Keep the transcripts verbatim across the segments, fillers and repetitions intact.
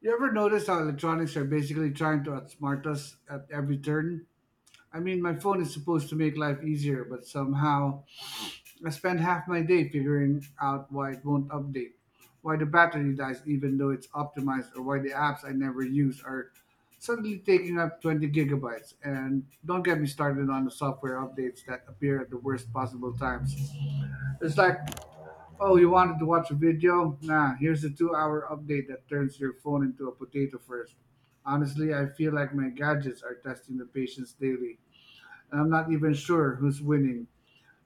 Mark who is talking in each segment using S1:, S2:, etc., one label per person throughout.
S1: You ever notice how electronics are basically trying to outsmart us at every turn? I mean, my phone is supposed to make life easier, but somehow I spend half my day figuring out why it won't update, why the battery dies even though it's optimized, or why the apps I never use are suddenly taking up twenty gigabytes. And don't get me started on the software updates that appear at the worst possible times. It's like, oh, you wanted to watch a video? Nah, here's a two hour update that turns your phone into a potato first. Honestly, I feel like my gadgets are testing the patience daily, and I'm not even sure who's winning.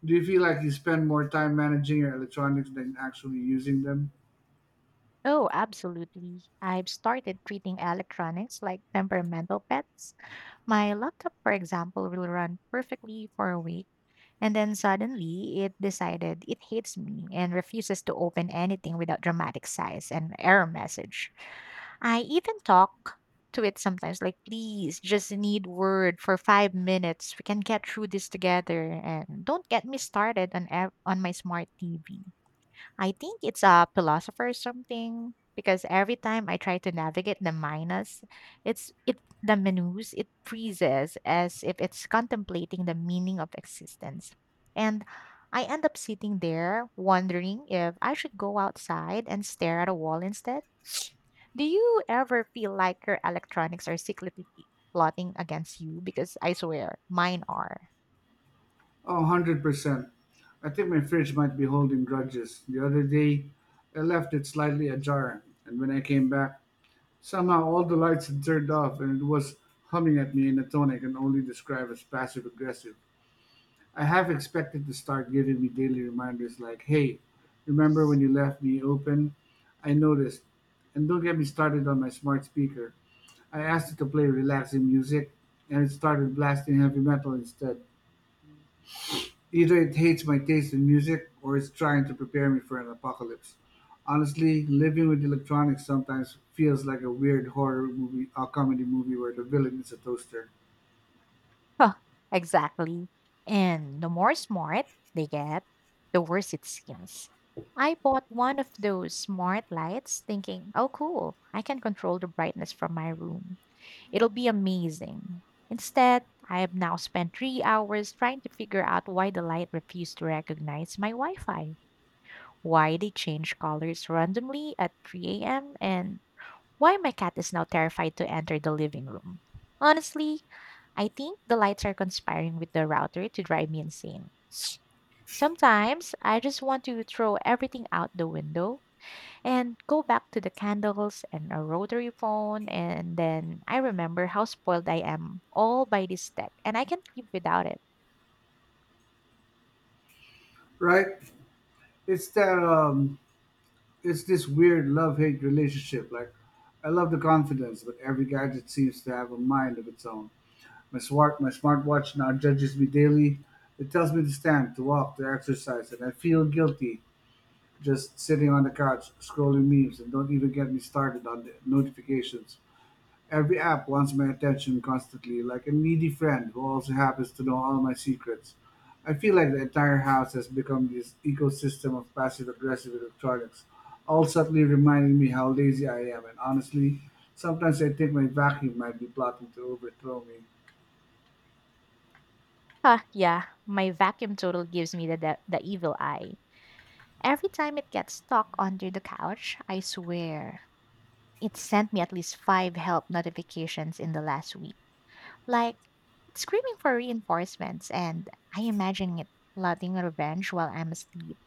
S1: Do you feel like you spend more time managing your electronics than actually using them?
S2: Oh, absolutely. I've started treating electronics like temperamental pets. My laptop, for example, will run perfectly for a week, and then suddenly it decided it hates me and refuses to open anything without dramatic sighs and error message. I even talk to it sometimes, like, please, just need word for five minutes. We can get through this together, and don't get me started on ev- on my smart T V. I think it's a philosopher or something because every time I try to navigate the minus, it's it the menus it freezes as if it's contemplating the meaning of existence, and I end up sitting there wondering if I should go outside and stare at a wall instead. Do you ever feel like your electronics are secretly plotting against you? Because I swear, mine are.
S1: Oh, one hundred percent. I think my fridge might be holding grudges. The other day, I left it slightly ajar, and when I came back, somehow all the lights had turned off and it was humming at me in a tone I can only describe as passive aggressive. I have expected to start giving me daily reminders like, hey, remember when you left me open? I noticed. And don't get me started on my smart speaker. I asked it to play relaxing music, and it started blasting heavy metal instead. Either it hates my taste in music, or it's trying to prepare me for an apocalypse. Honestly, living with electronics sometimes feels like a weird horror movie, a comedy movie where the villain is a toaster,
S2: Huh, exactly. And the more smart they get, the worse it seems. I bought one of those smart lights thinking, oh, cool, I can control the brightness from my room. It'll be amazing. Instead, I have now spent three hours trying to figure out why the light refused to recognize my Wi Fi, why they change colors randomly at three a m, and why my cat is now terrified to enter the living room. Honestly, I think the lights are conspiring with the router to drive me insane. Sometimes I just want to throw everything out the window and go back to the candles and a rotary phone, and then I remember how spoiled I am all by this tech, and I can't live without it.
S1: right? It's that um, it's this weird love hate relationship. Like, I love the confidence, but every gadget seems to have a mind of its own. My smart my smartwatch now judges me daily. It tells me to stand, to walk, to exercise, and I feel guilty just sitting on the couch scrolling memes, and don't even get me started on the notifications. Every app wants my attention constantly, like a needy friend who also happens to know all my secrets. I feel like the entire house has become this ecosystem of passive aggressive electronics, all subtly reminding me how lazy I am. And honestly, sometimes I think my vacuum might be plotting to overthrow me.
S2: Ah, yeah, my vacuum total gives me the, the, the evil eye. Every time it gets stuck under the couch, I swear it sent me at least five help notifications in the last week. Like it's screaming for reinforcements, and I imagine it plotting revenge while I'm asleep.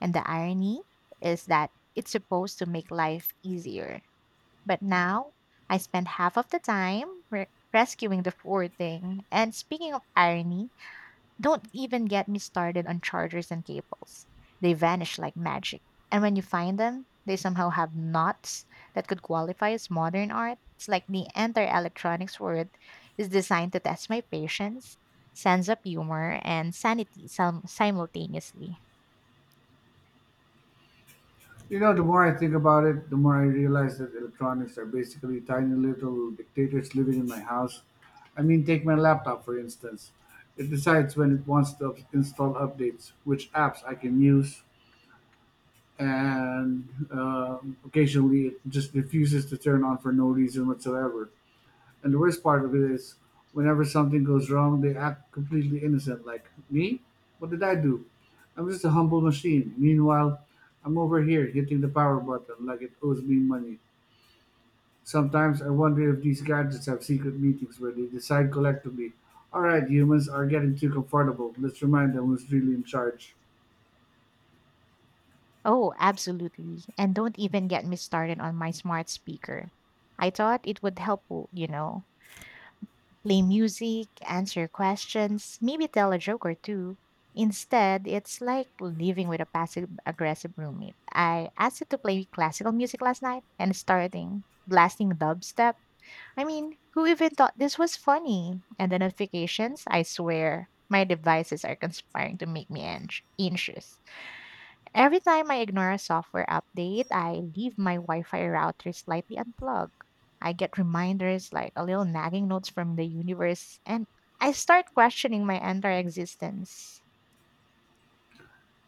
S2: And the irony is that it's supposed to make life easier. But now I spend half of the time re- rescuing the poor thing. And speaking of irony, don't even get me started on chargers and cables. They vanish like magic. And when you find them, they somehow have knots that could qualify as modern art. It's like the entire electronics world is designed to test my patience, sense of humor, and sanity sim- simultaneously.
S1: You know, the more I think about it, the more I realize that electronics are basically tiny little dictators living in my house. I mean, take my laptop for instance. It decides when it wants to up- install updates, which apps I can use, and um occasionally it just refuses to turn on for no reason whatsoever. And the worst part of it is, whenever something goes wrong, they act completely innocent. Like, me? What did I do? I'm just a humble machine. Meanwhile, I'm over here hitting the power button like it owes me money. Sometimes I wonder if these gadgets have secret meetings where they decide collectively, all right, humans are getting too comfortable. Let's remind them who's really in charge.
S2: Oh, absolutely. And don't even get me started on my smart speaker. I thought it would help, you know, play music, answer questions, maybe tell a joke or two. Instead, it's like living with a passive aggressive roommate. I asked it to play classical music last night and starting blasting dubstep. I mean, who even thought this was funny? And the notifications, I swear, my devices are conspiring to make me ang- anxious. Every time I ignore a software update, I leave my Wi Fi router slightly unplugged. I get reminders like a little nagging notes from the universe, and I start questioning my entire existence.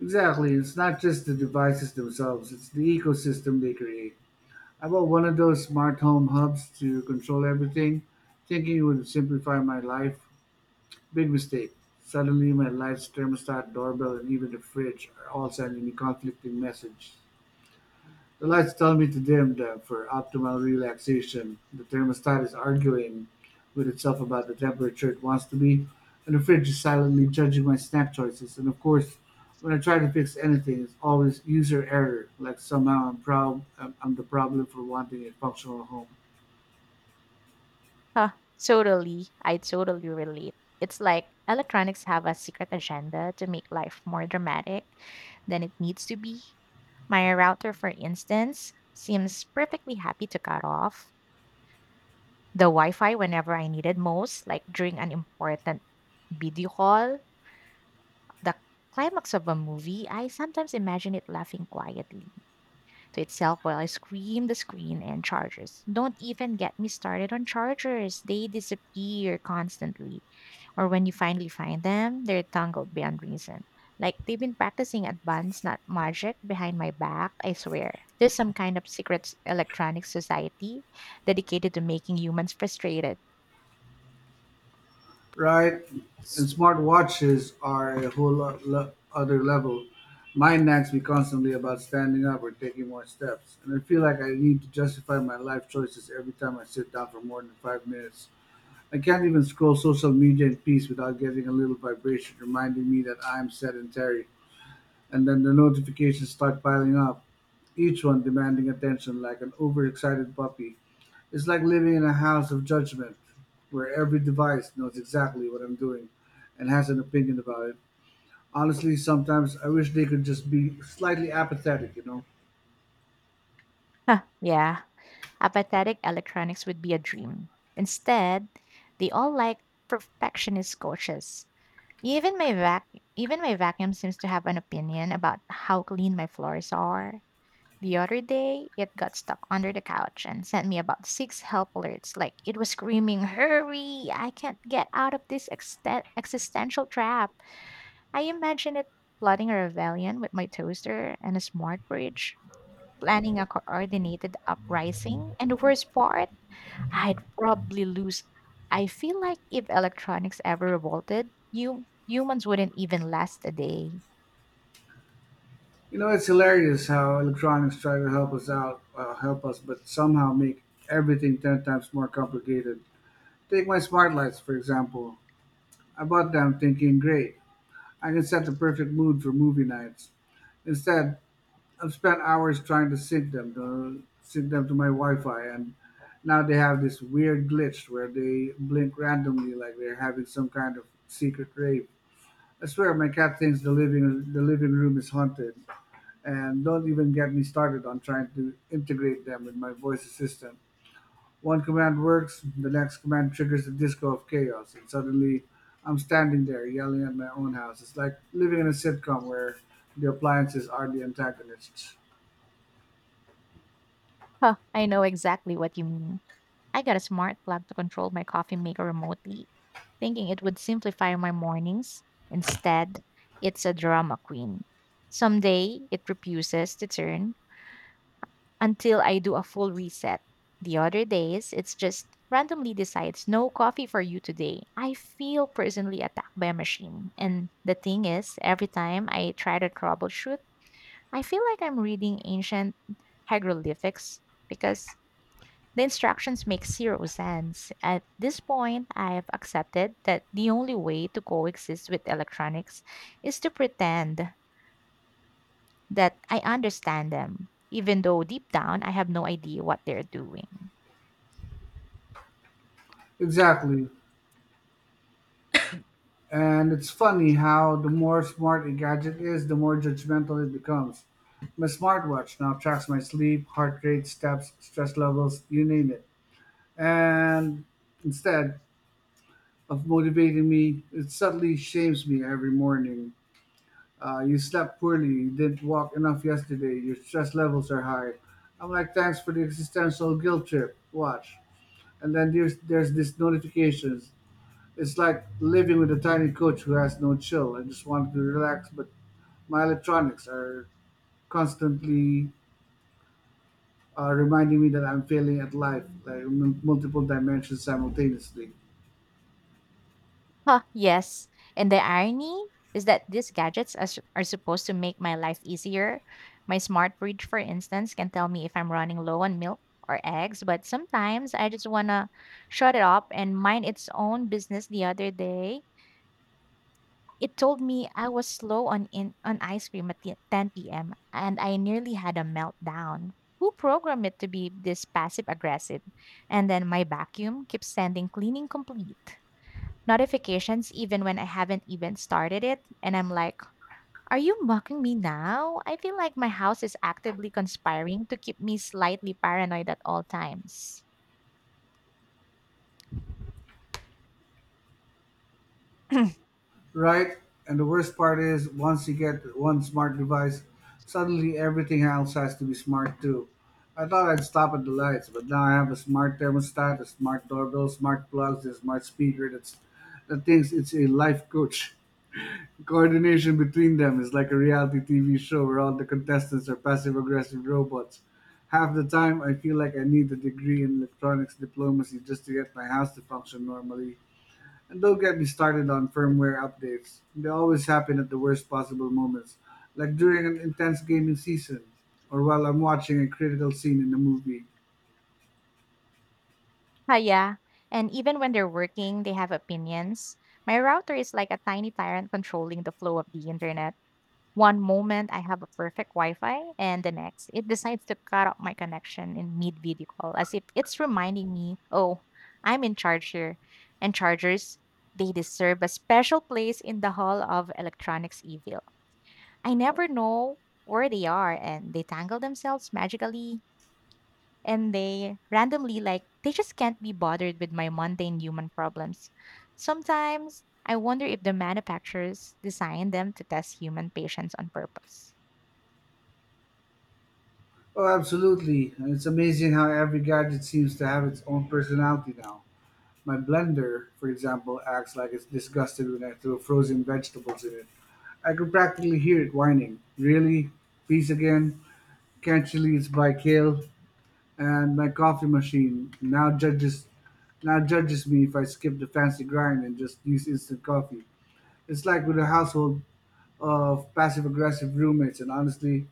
S1: Exactly. It's not just the devices themselves, it's the ecosystem they create. I bought one of those smart home hubs to control everything, thinking it would simplify my life. Big mistake. Suddenly, my lights, thermostat, doorbell, and even the fridge are all sending me conflicting messages. The lights tell me to dim them for optimal relaxation. The thermostat is arguing with itself about the temperature it wants to be, and the fridge is silently judging my snack choices. And of course, when I try to fix anything, it's always user error. Like somehow I'm proud, I'm I'm the problem for wanting a functional home.
S2: Huh, totally. I totally relate. It's like electronics have a secret agenda to make life more dramatic than it needs to be. My router, for instance, seems perfectly happy to cut off the Wi Fi whenever I need it most, like during an important Video Call, the climax of a movie, I sometimes imagine it laughing quietly to itself while I scream the screen and chargers. Don't even get me started on chargers. They disappear constantly. Or when you finally find them, they're tangled beyond reason. Like they've been practicing advanced nut magic behind my back, I swear. There's some kind of secret s- electronic society dedicated to making humans frustrated.
S1: Right? And smartwatches are a whole lo- lo- other level. My nags me constantly about standing up or taking more steps, and I feel like I need to justify my life choices every time I sit down for more than five minutes. I can't even scroll social media in peace without getting a little vibration reminding me that I'm sedentary, and then the notifications start piling up, each one demanding attention like an overexcited puppy. It's like living in a house of judgment where every device knows exactly what I'm doing and has an opinion about it. Honestly, sometimes I wish they could just be slightly apathetic, you know.
S2: Huh, yeah. Apathetic electronics would be a dream. Instead, they all like perfectionist coaches. Even my vac Even my vacuum seems to have an opinion about how clean my floors are. The other day, it got stuck under the couch and sent me about six help alerts like it was screaming, "Hurry! I can't get out of this exten- existential trap." I imagine it plotting a rebellion with my toaster and a smart fridge, planning a coordinated uprising, and the worst part, I'd probably lose. I feel like if electronics ever revolted, you humans wouldn't even last a day.
S1: You know, it's hilarious how electronics try to help us out, uh, help us, but somehow make everything ten times more complicated. Take my smart lights, for example. I bought them thinking, great, I can set the perfect mood for movie nights. Instead, I've spent hours trying to sync them to sync them to my Wi-Fi, and now they have this weird glitch where they blink randomly, like they're having some kind of secret rave. I swear, my cat thinks the living the living room is haunted, and don't even get me started on trying to integrate them with my voice assistant. One command works, the next command triggers a disco of chaos, and suddenly I'm standing there yelling at my own house. It's like living in a sitcom where the appliances are the antagonists.
S2: Huh, I know exactly what you mean. I got a smart plug to control my coffee maker remotely, thinking it would simplify my mornings. Instead, it's a drama queen. Someday, it refuses to turn until I do a full reset. The other days, it's just randomly decides no coffee for you today. I feel personally attacked by a machine. And the thing is, every time I try to troubleshoot, I feel like I'm reading ancient hieroglyphics because the instructions make zero sense. At this point, I've accepted that the only way to coexist with electronics is to pretend that I understand them, even though deep down I have no idea what they're doing.
S1: Exactly. And it's funny how the more smart a gadget is, the more judgmental it becomes. My smartwatch now tracks my sleep, heart rate, steps, stress levels, you name it. And instead of motivating me, it subtly shames me every morning. Uh, you slept poorly, you didn't walk enough yesterday, your stress levels are high. I'm like, thanks for the existential guilt trip. Watch. And then there's, there's this notifications. It's like living with a tiny coach who has no chill and just wanted to relax, but my electronics are constantly uh, reminding me that I'm failing at life, like m- multiple dimensions simultaneously.
S2: Huh, yes. And the irony is that these gadgets are, sup- are supposed to make my life easier. My smart fridge, for instance, can tell me if I'm running low on milk or eggs, but sometimes I just want to shut it up and mind its own business. The other day, it told me I was slow on in, on ice cream at the- ten p m and I nearly had a meltdown. Who programmed it to be this passive aggressive? And then my vacuum keeps sending cleaning complete notifications even when I haven't even started it. And I'm like, are you mocking me now? I feel like my house is actively conspiring to keep me slightly paranoid at all times.
S1: Right? And the worst part is, once you get one smart device, suddenly everything else has to be smart too. I thought I'd stop at the lights, but now I have a smart thermostat, a smart doorbell, smart plugs, a smart speaker that's that thinks it's a life coach. Coordination between them is like a reality T V show where all the contestants are passive aggressive robots. Half the time, I feel like I need a degree in electronics diplomacy just to get my house to function normally. And don't get me started on firmware updates. They always happen at the worst possible moments, like during an intense gaming season or while I'm watching a critical scene in a movie.
S2: Ah, yeah. And even when they're working, they have opinions. My router is like a tiny tyrant controlling the flow of the internet. One moment I have a perfect Wi Fi, and the next it decides to cut off my connection in mid video call as if it's reminding me, oh, I'm in charge here. And chargers, they deserve a special place in the hall of electronics evil. I never know where they are, and they tangle themselves magically, and they randomly, like, they just can't be bothered with my mundane human problems. Sometimes I wonder if the manufacturers designed them to test human patience on purpose.
S1: Oh, absolutely. And it's amazing how every gadget seems to have its own personality now. My blender, for example, acts like it's disgusted when I throw frozen vegetables in it. I could practically hear it whining. Really? Peace again? Can't you leave by kale? And my coffee machine now judges now judges me if I skip the fancy grind and just use instant coffee. It's like with a household of passive aggressive roommates, and honestly,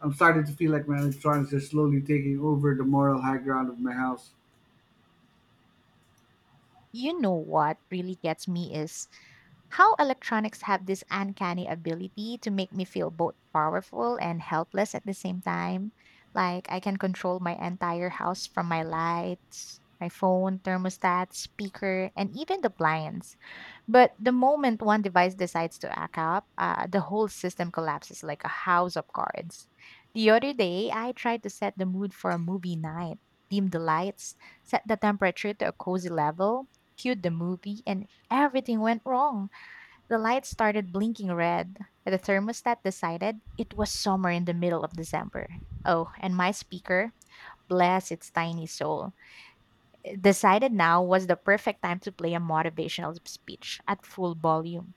S1: I'm starting to feel like my electronics are slowly taking over the moral high ground of my house.
S2: You know what really gets me is how electronics have this uncanny ability to make me feel both powerful and helpless at the same time. Like I can control my entire house from my lights, my phone, thermostat, speaker, and even the blinds. But the moment one device decides to act up, uh, the whole system collapses like a house of cards. The other day, I tried to set the mood for a movie night, dim the lights, set the temperature to a cozy level, cued the movie, and everything went wrong. The lights started blinking red. The thermostat decided it was summer in the middle of December. Oh, and my speaker, bless its tiny soul, eh, decided now was the perfect time to play a motivational speech at full volume.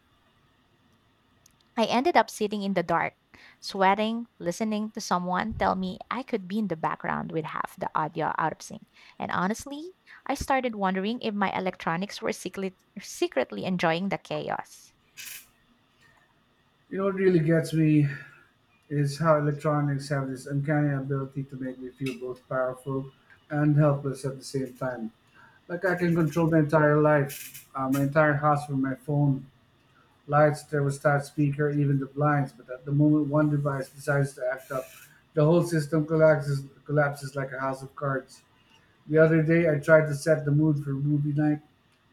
S2: I ended up sitting in the dark, sweating, listening to someone tell me I could be in the background with half the audio out of sync. And honestly, I started wondering if my electronics were secretly, secretly enjoying the chaos.
S1: You know what really gets me? It is how electronics have this uncanny ability to make me feel both powerful and helpless at the same time. Like I can control my entire life, uh, my entire house from my phone, lights, thermostat, speaker, even the blinds. But at the moment one device decides to act up, the whole system collapses, collapses like a house of cards. The other day, I tried to set the mood for movie night,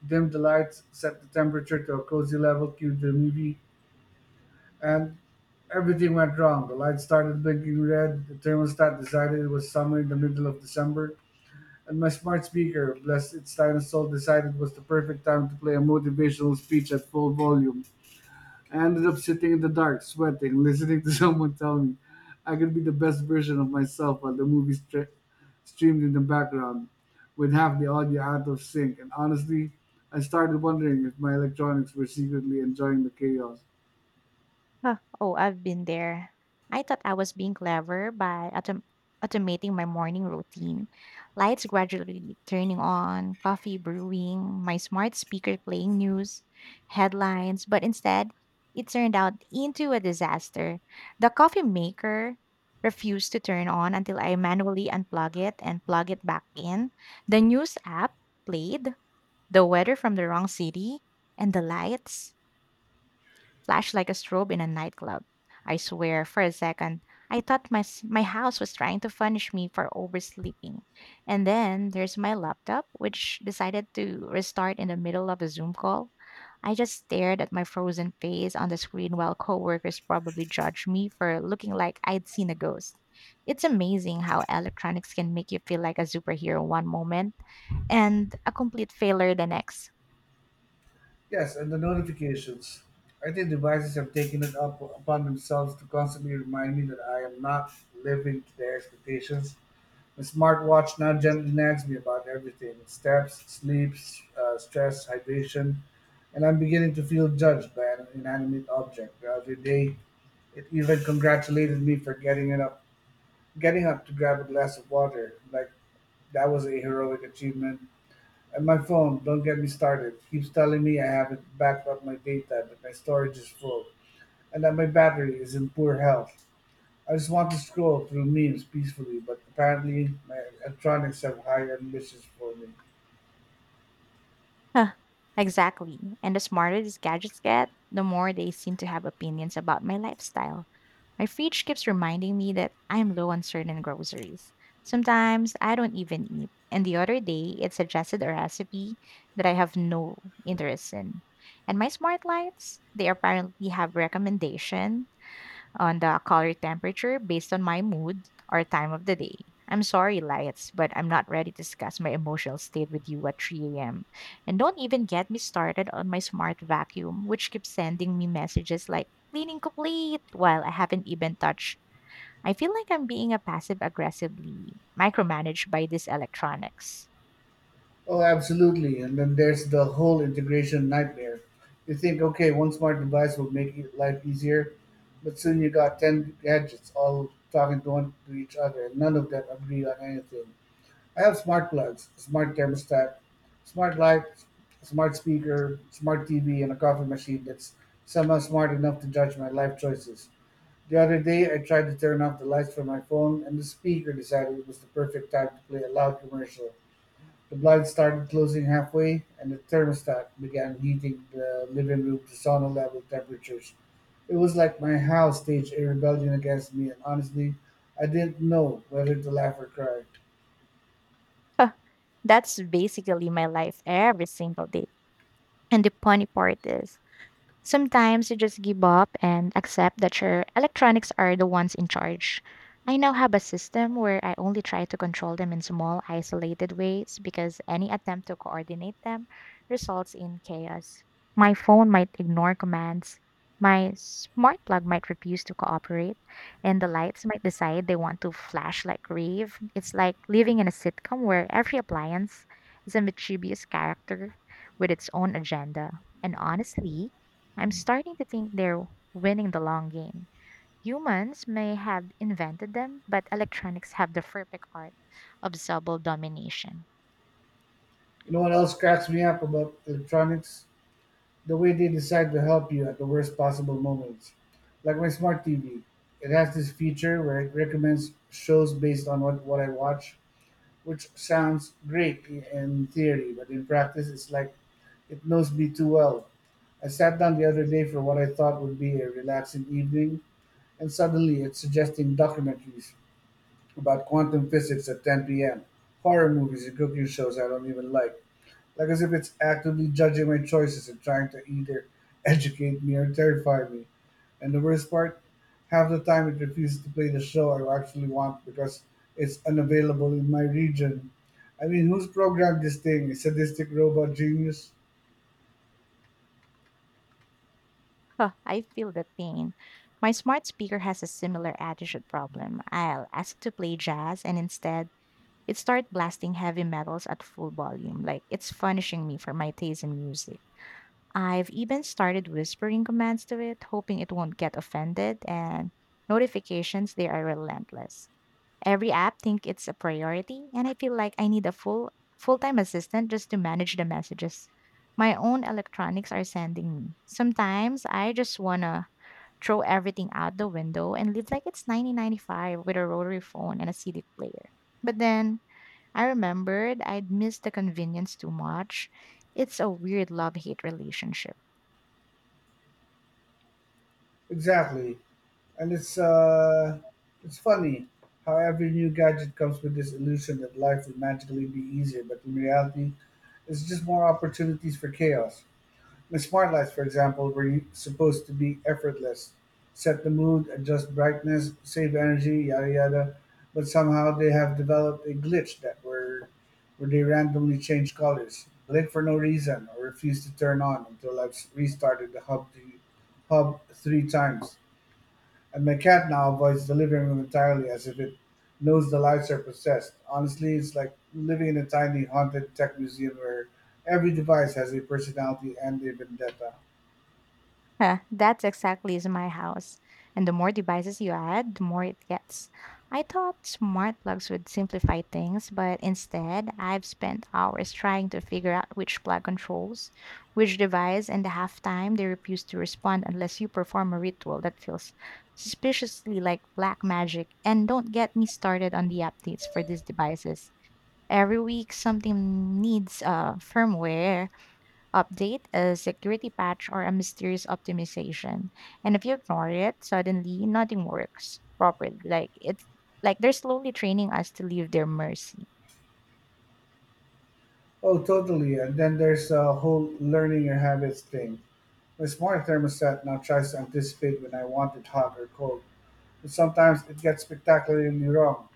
S1: dimmed the lights, set the temperature to a cozy level, cued the movie, and everything went wrong. The lights started blinking red, the thermostat decided it was summer in the middle of December, and my smart speaker, bless its tiny soul, decided it was the perfect time to play a motivational speech at full volume. I ended up sitting in the dark, sweating, listening to someone tell me I could be the best version of myself while the movie stre- streamed in the background with half the audio out of sync. And honestly, I started wondering if my electronics were secretly enjoying the chaos.
S2: Huh. Oh, I've been there. I thought I was being clever by autom- automating my morning routine. Lights gradually turning on, coffee brewing, my smart speaker playing news, headlines, but instead, it turned out into a disaster. The coffee maker refused to turn on until I manually unplug it and plug it back in. The news app played the weather from the wrong city and the lights flashed like a strobe in a nightclub. I swear, for a second, I thought my, s- my house was trying to punish me for oversleeping. And then there's my laptop, which decided to restart in the middle of a Zoom call. I just stared at my frozen face on the screen while coworkers probably judged me for looking like I'd seen a ghost. It's amazing how electronics can make you feel like a superhero one moment and a complete failure the next.
S1: Yes, and the notifications. I think devices have taken it up upon themselves to constantly remind me that I am not living to their expectations. My smartwatch now gently nags me about everything steps, sleep, s- uh, stress, hydration, and I'm beginning to feel judged by an inanimate object. The other day, it even congratulated me for getting it up, getting up to grab a glass of water. Like that was a heroic achievement. And my phone, don't get me started, keeps telling me I haven't backed up my data, that my storage is full, and that my battery is in poor health. I just want to scroll through memes peacefully, but apparently my electronics have higher ambitions for me.
S2: Huh, exactly. And the smarter these gadgets get, the more they seem to have opinions about my lifestyle. My fridge keeps reminding me that I'm low on certain groceries. Sometimes I don't even eat. And the other day, it suggested a recipe that I have no interest in. And my smart lights, they apparently have recommendation on the color temperature based on my mood or time of the day. I'm sorry, Lights, but I'm not ready to discuss my emotional state with you at three a m. And don't even get me started on my smart vacuum, which keeps sending me messages like cleaning complete while I haven't even touched. I feel like I'm being a passive aggressively micromanaged by these electronics.
S1: Oh, absolutely. And then there's the whole integration nightmare. You think, okay, one smart device will make it- life easier, but soon you got ten gadgets all talking to, one, to each other, and none of them agree on anything. I have smart plugs, smart thermostat, smart lights, smart speaker, smart T V, and a coffee machine that's somehow smart enough to judge my life choices. The other day, I tried to turn off the lights from my phone, and the speaker decided it was the perfect time to play a loud commercial. The blinds started closing halfway, and the thermostat began heating the living room to sauna level temperatures. It was like my house staged a rebellion against me, and honestly, I didn't know whether to laugh or cry.
S2: That's basically my life every single day. And the funny part is, sometimes you just give up and accept that your electronics are the ones in charge. I now have a system where I only try to control them in small, isolated ways, because any attempt to coordinate them results in chaos. My phone might ignore commands, my smart plug might refuse to cooperate, and the lights might decide they want to flash like rave. It's like living in a sitcom where every appliance is a mischievous character with its own agenda. And honestly, I'm starting to think they're winning the long game. Humans may have invented them, but electronics have the perfect art of subtle domination.
S1: You know what else cracks me up about electronics? The way they decide to help you at the worst possible moments. Like my smart T V. It has this feature where it recommends shows based on what, what I watch, which sounds great in theory, but in practice, it's like it knows me too well. I sat down the other day for what I thought would be a relaxing evening, and suddenly it's suggesting documentaries about quantum physics at ten p m, horror movies, and cooking shows I don't even like. Like as if it's actively judging my choices and trying to either educate me or terrify me. And the worst part, half the time it refuses to play the show I actually want because it's unavailable in my region. I mean, who's programmed this thing? A sadistic robot genius?
S2: Huh, I feel the pain. My smart speaker has a similar attitude problem. I'll ask to play jazz, and instead, it starts blasting heavy metals at full volume, like it's punishing me for my taste in music. I've even started whispering commands to it, hoping it won't get offended, and notifications, they are relentless. Every app think it's a priority, and I feel like I need a full full-time assistant just to manage the messages my own electronics are sending me. Sometimes I just wanna throw everything out the window and live like it's nineteen ninety-five with a rotary phone and a C D player. But then I remembered I'd missed the convenience too much. It's a weird love-hate relationship.
S1: Exactly. And it's uh, it's funny how every new gadget comes with this illusion that life will magically be easier, but in reality, it's just more opportunities for chaos. The smart lights, for example, were supposed to be effortless, set the mood, adjust brightness, save energy, yada yada. But somehow they have developed a glitch that where where they randomly change colors, blink for no reason, or refuse to turn on until I've s- restarted the hub the hub three times. And my cat now avoids the living room entirely as if it knows the lights are possessed. Honestly, it's like living in a tiny haunted tech museum where every device has a personality and a vendetta.
S2: Huh, that's exactly is my house. And the more devices you add, the more it gets. I thought smart plugs would simplify things, but instead, I've spent hours trying to figure out which plug controls, which device, and the half time they refuse to respond unless you perform a ritual that feels suspiciously like black magic. And don't get me started on the updates for these devices. Every week, something needs uh, firmware update, a security patch, or a mysterious optimization. And if you ignore it, suddenly nothing works properly. Like it's like they're slowly training us to leave their mercy.
S1: Oh, totally. And then there's the whole learning your habits thing. My smart thermostat now tries to anticipate when I want it hot or cold, but sometimes it gets spectacularly wrong.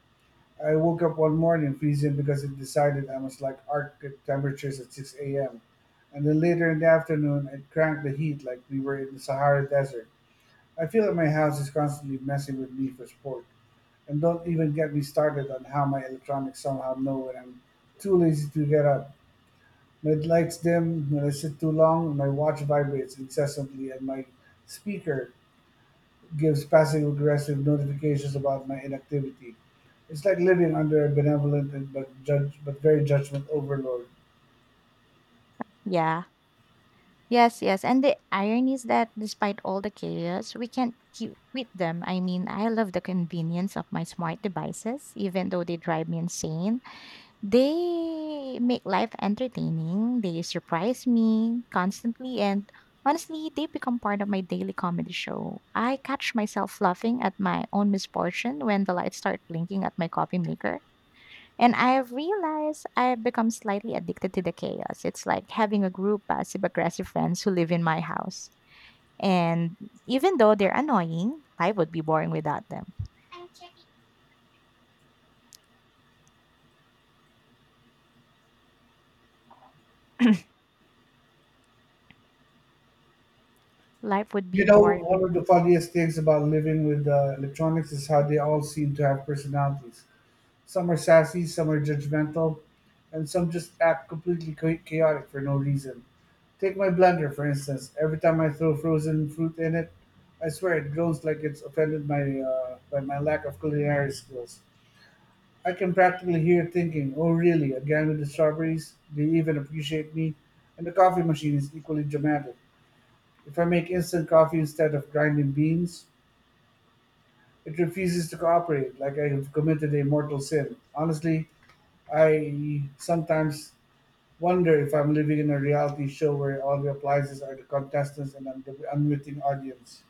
S1: I woke up one morning freezing because it decided I must like Arctic temperatures at six a m. And then later in the afternoon, it cranked the heat like we were in the Sahara Desert. I feel like my house is constantly messing with me for sport. And don't even get me started on how my electronics somehow know when I'm too lazy to get up. Midlights dim, when I sit too long, my watch vibrates incessantly and my speaker gives passive aggressive notifications about my inactivity. It's like living under a benevolent and but judge but very judgment overlord.
S2: Yeah. Yes, yes. And the irony is that despite all the chaos, we can't cu- quit them. I mean, I love the convenience of my smart devices, even though they drive me insane. They make life entertaining, they surprise me constantly, and honestly, they become part of my daily comedy show. I catch myself laughing at my own misfortune when the lights start blinking at my coffee maker. And I realize I've become slightly addicted to the chaos. It's like having a group passive aggressive friends who live in my house. And even though they're annoying, life would be boring without them. Life would be
S1: You know,
S2: boring.
S1: one of the funniest things about living with uh, electronics is how they all seem to have personalities. Some are sassy, some are judgmental, and some just act completely cha- chaotic for no reason. Take my blender, for instance. Every time I throw frozen fruit in it, I swear it groans like it's offended by uh, by my lack of culinary skills. I can practically hear it thinking, oh, really, again with the strawberries? They even appreciate me. And the coffee machine is equally dramatic. If I make instant coffee instead of grinding beans, it refuses to cooperate, like I have committed a mortal sin. Honestly, I sometimes wonder if I'm living in a reality show where all the appliances are the contestants and I'm the unwitting audience.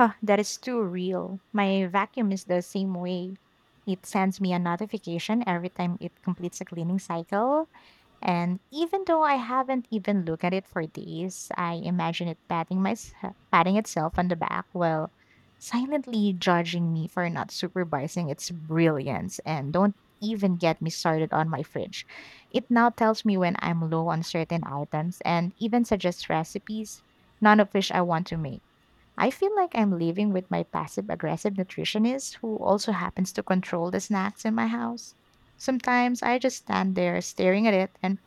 S2: Huh, that is too real. My vacuum is the same way. It sends me a notification every time it completes a cleaning cycle. And even though I haven't even looked at it for days, I imagine it patting my, patting itself on the back while silently judging me for not supervising its brilliance. And don't even get me started on my fridge. It now tells me when I'm low on certain items and even suggests recipes, none of which I want to make. I feel like I'm living with my passive aggressive nutritionist who also happens to control the snacks in my house. Sometimes I just stand there staring at it and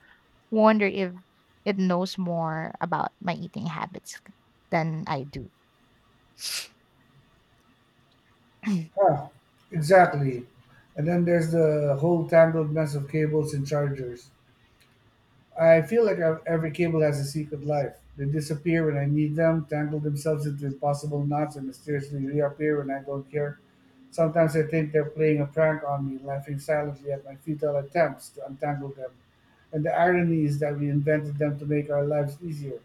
S2: wonder if it knows more about my eating habits than I do.
S1: Huh, exactly. And then there's the whole tangled mess of cables and chargers. I feel like ev- every cable has a secret life. They disappear when I need them, tangle themselves into impossible knots, and mysteriously reappear when I don't care. Sometimes I think they're playing a prank on me, laughing silently at my futile attempts to untangle them. And the irony is that we invented them to make our lives easier.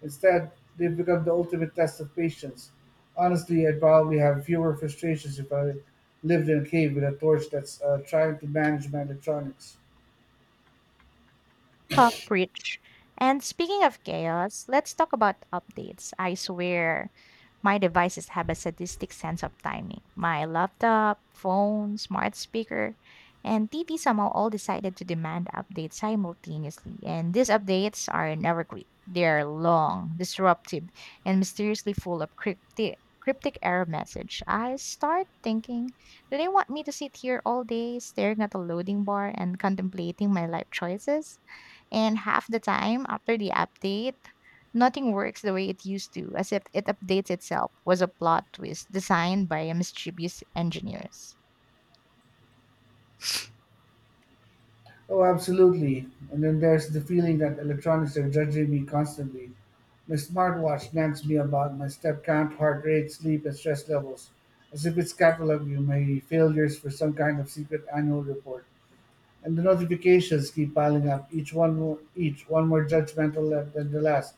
S1: Instead, they've become the ultimate test of patience. Honestly, I'd probably have fewer frustrations if I lived in a cave with a torch that's uh, trying to manage my electronics.
S2: Talk preach. And speaking of chaos, let's talk about updates. I swear, my devices have a sadistic sense of timing. My laptop, phone, smart speaker, and T V somehow all decided to demand updates simultaneously. And these updates are never quick. They're long, disruptive, and mysteriously full of cryptic cryptic error message. I start thinking, do they want me to sit here all day staring at the loading bar and contemplating my life choices? And half the time after the update, nothing works the way it used to, as if it updates itself was a plot twist designed by mischievous engineers.
S1: Oh, absolutely. And then there's the feeling that electronics are judging me constantly. My smartwatch nags me about my step count, heart rate, sleep, and stress levels, as if it's cataloging my failures for some kind of secret annual report. And the notifications keep piling up, each one mo- each one more judgmental left than the last.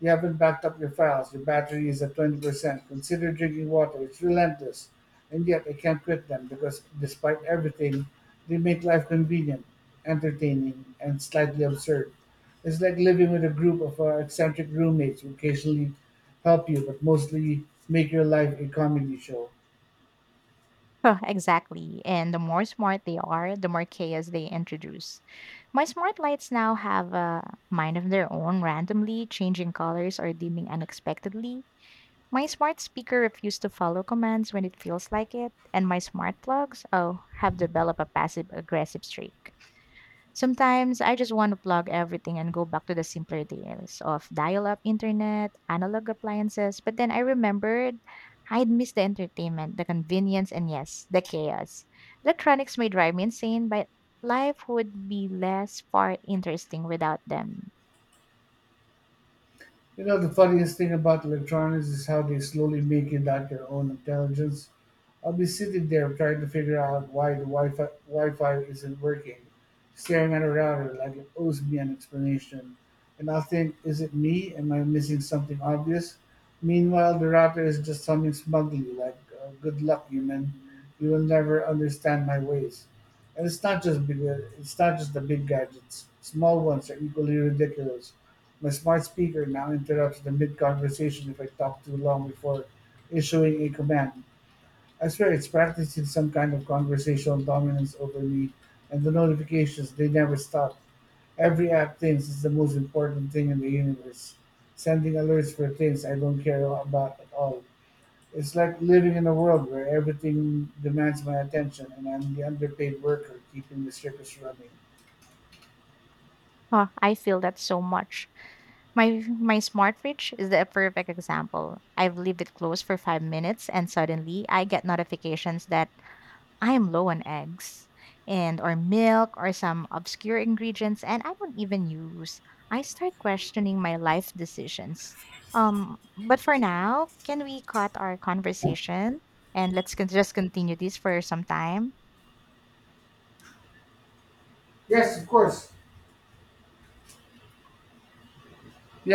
S1: You haven't backed up your files. Your battery is at twenty percent. Consider drinking water. It's relentless, and yet I can't quit them because, despite everything, they make life convenient, entertaining, and slightly absurd. It's like living with a group of uh, eccentric roommates who occasionally help you, but mostly make your life a comedy show.
S2: Huh, exactly. And the more smart they are, the more chaos they introduce. My smart lights now have a mind of their own, randomly changing colors or dimming unexpectedly. My smart speaker refused to follow commands when it feels like it, and my smart plugs, oh, have developed a passive aggressive streak. Sometimes I just want to plug everything and go back to the simpler days of dial up internet, analog appliances, but then I remembered I'd miss the entertainment, the convenience, and yes, the chaos. Electronics may drive me insane, but life would be less far interesting without them.
S1: You know, the funniest thing about electronics is how they slowly make it like their own intelligence. I'll be sitting there trying to figure out why the Wi-Fi, Wi-Fi isn't working, staring at a router like it owes me an explanation. And I'll think, is it me? Am I missing something obvious? Meanwhile, the router is just humming smugly like, uh, good luck, human. You will never understand my ways. And it's not just big, it's not just the big gadgets. Small ones are equally ridiculous. My smart speaker now interrupts the mid-conversation if I talk too long before issuing a command. I swear it's practicing some kind of conversational dominance over me. And the notifications, they never stop. Every app thinks it's the most important thing in the universe, sending alerts for things I don't care about at all. It's like living in a world where everything demands my attention and I'm the underpaid worker keeping the circus running.
S2: Oh, I feel that so much. My my smart fridge is the perfect example. I've leave it closed for five minutes and suddenly I get notifications that I am low on eggs and or milk or some obscure ingredients and I don't even use. I start questioning my life decisions. Um, but for now, can we cut our conversation and let's con- just continue this for some time?
S1: Yes, of course. Yeah.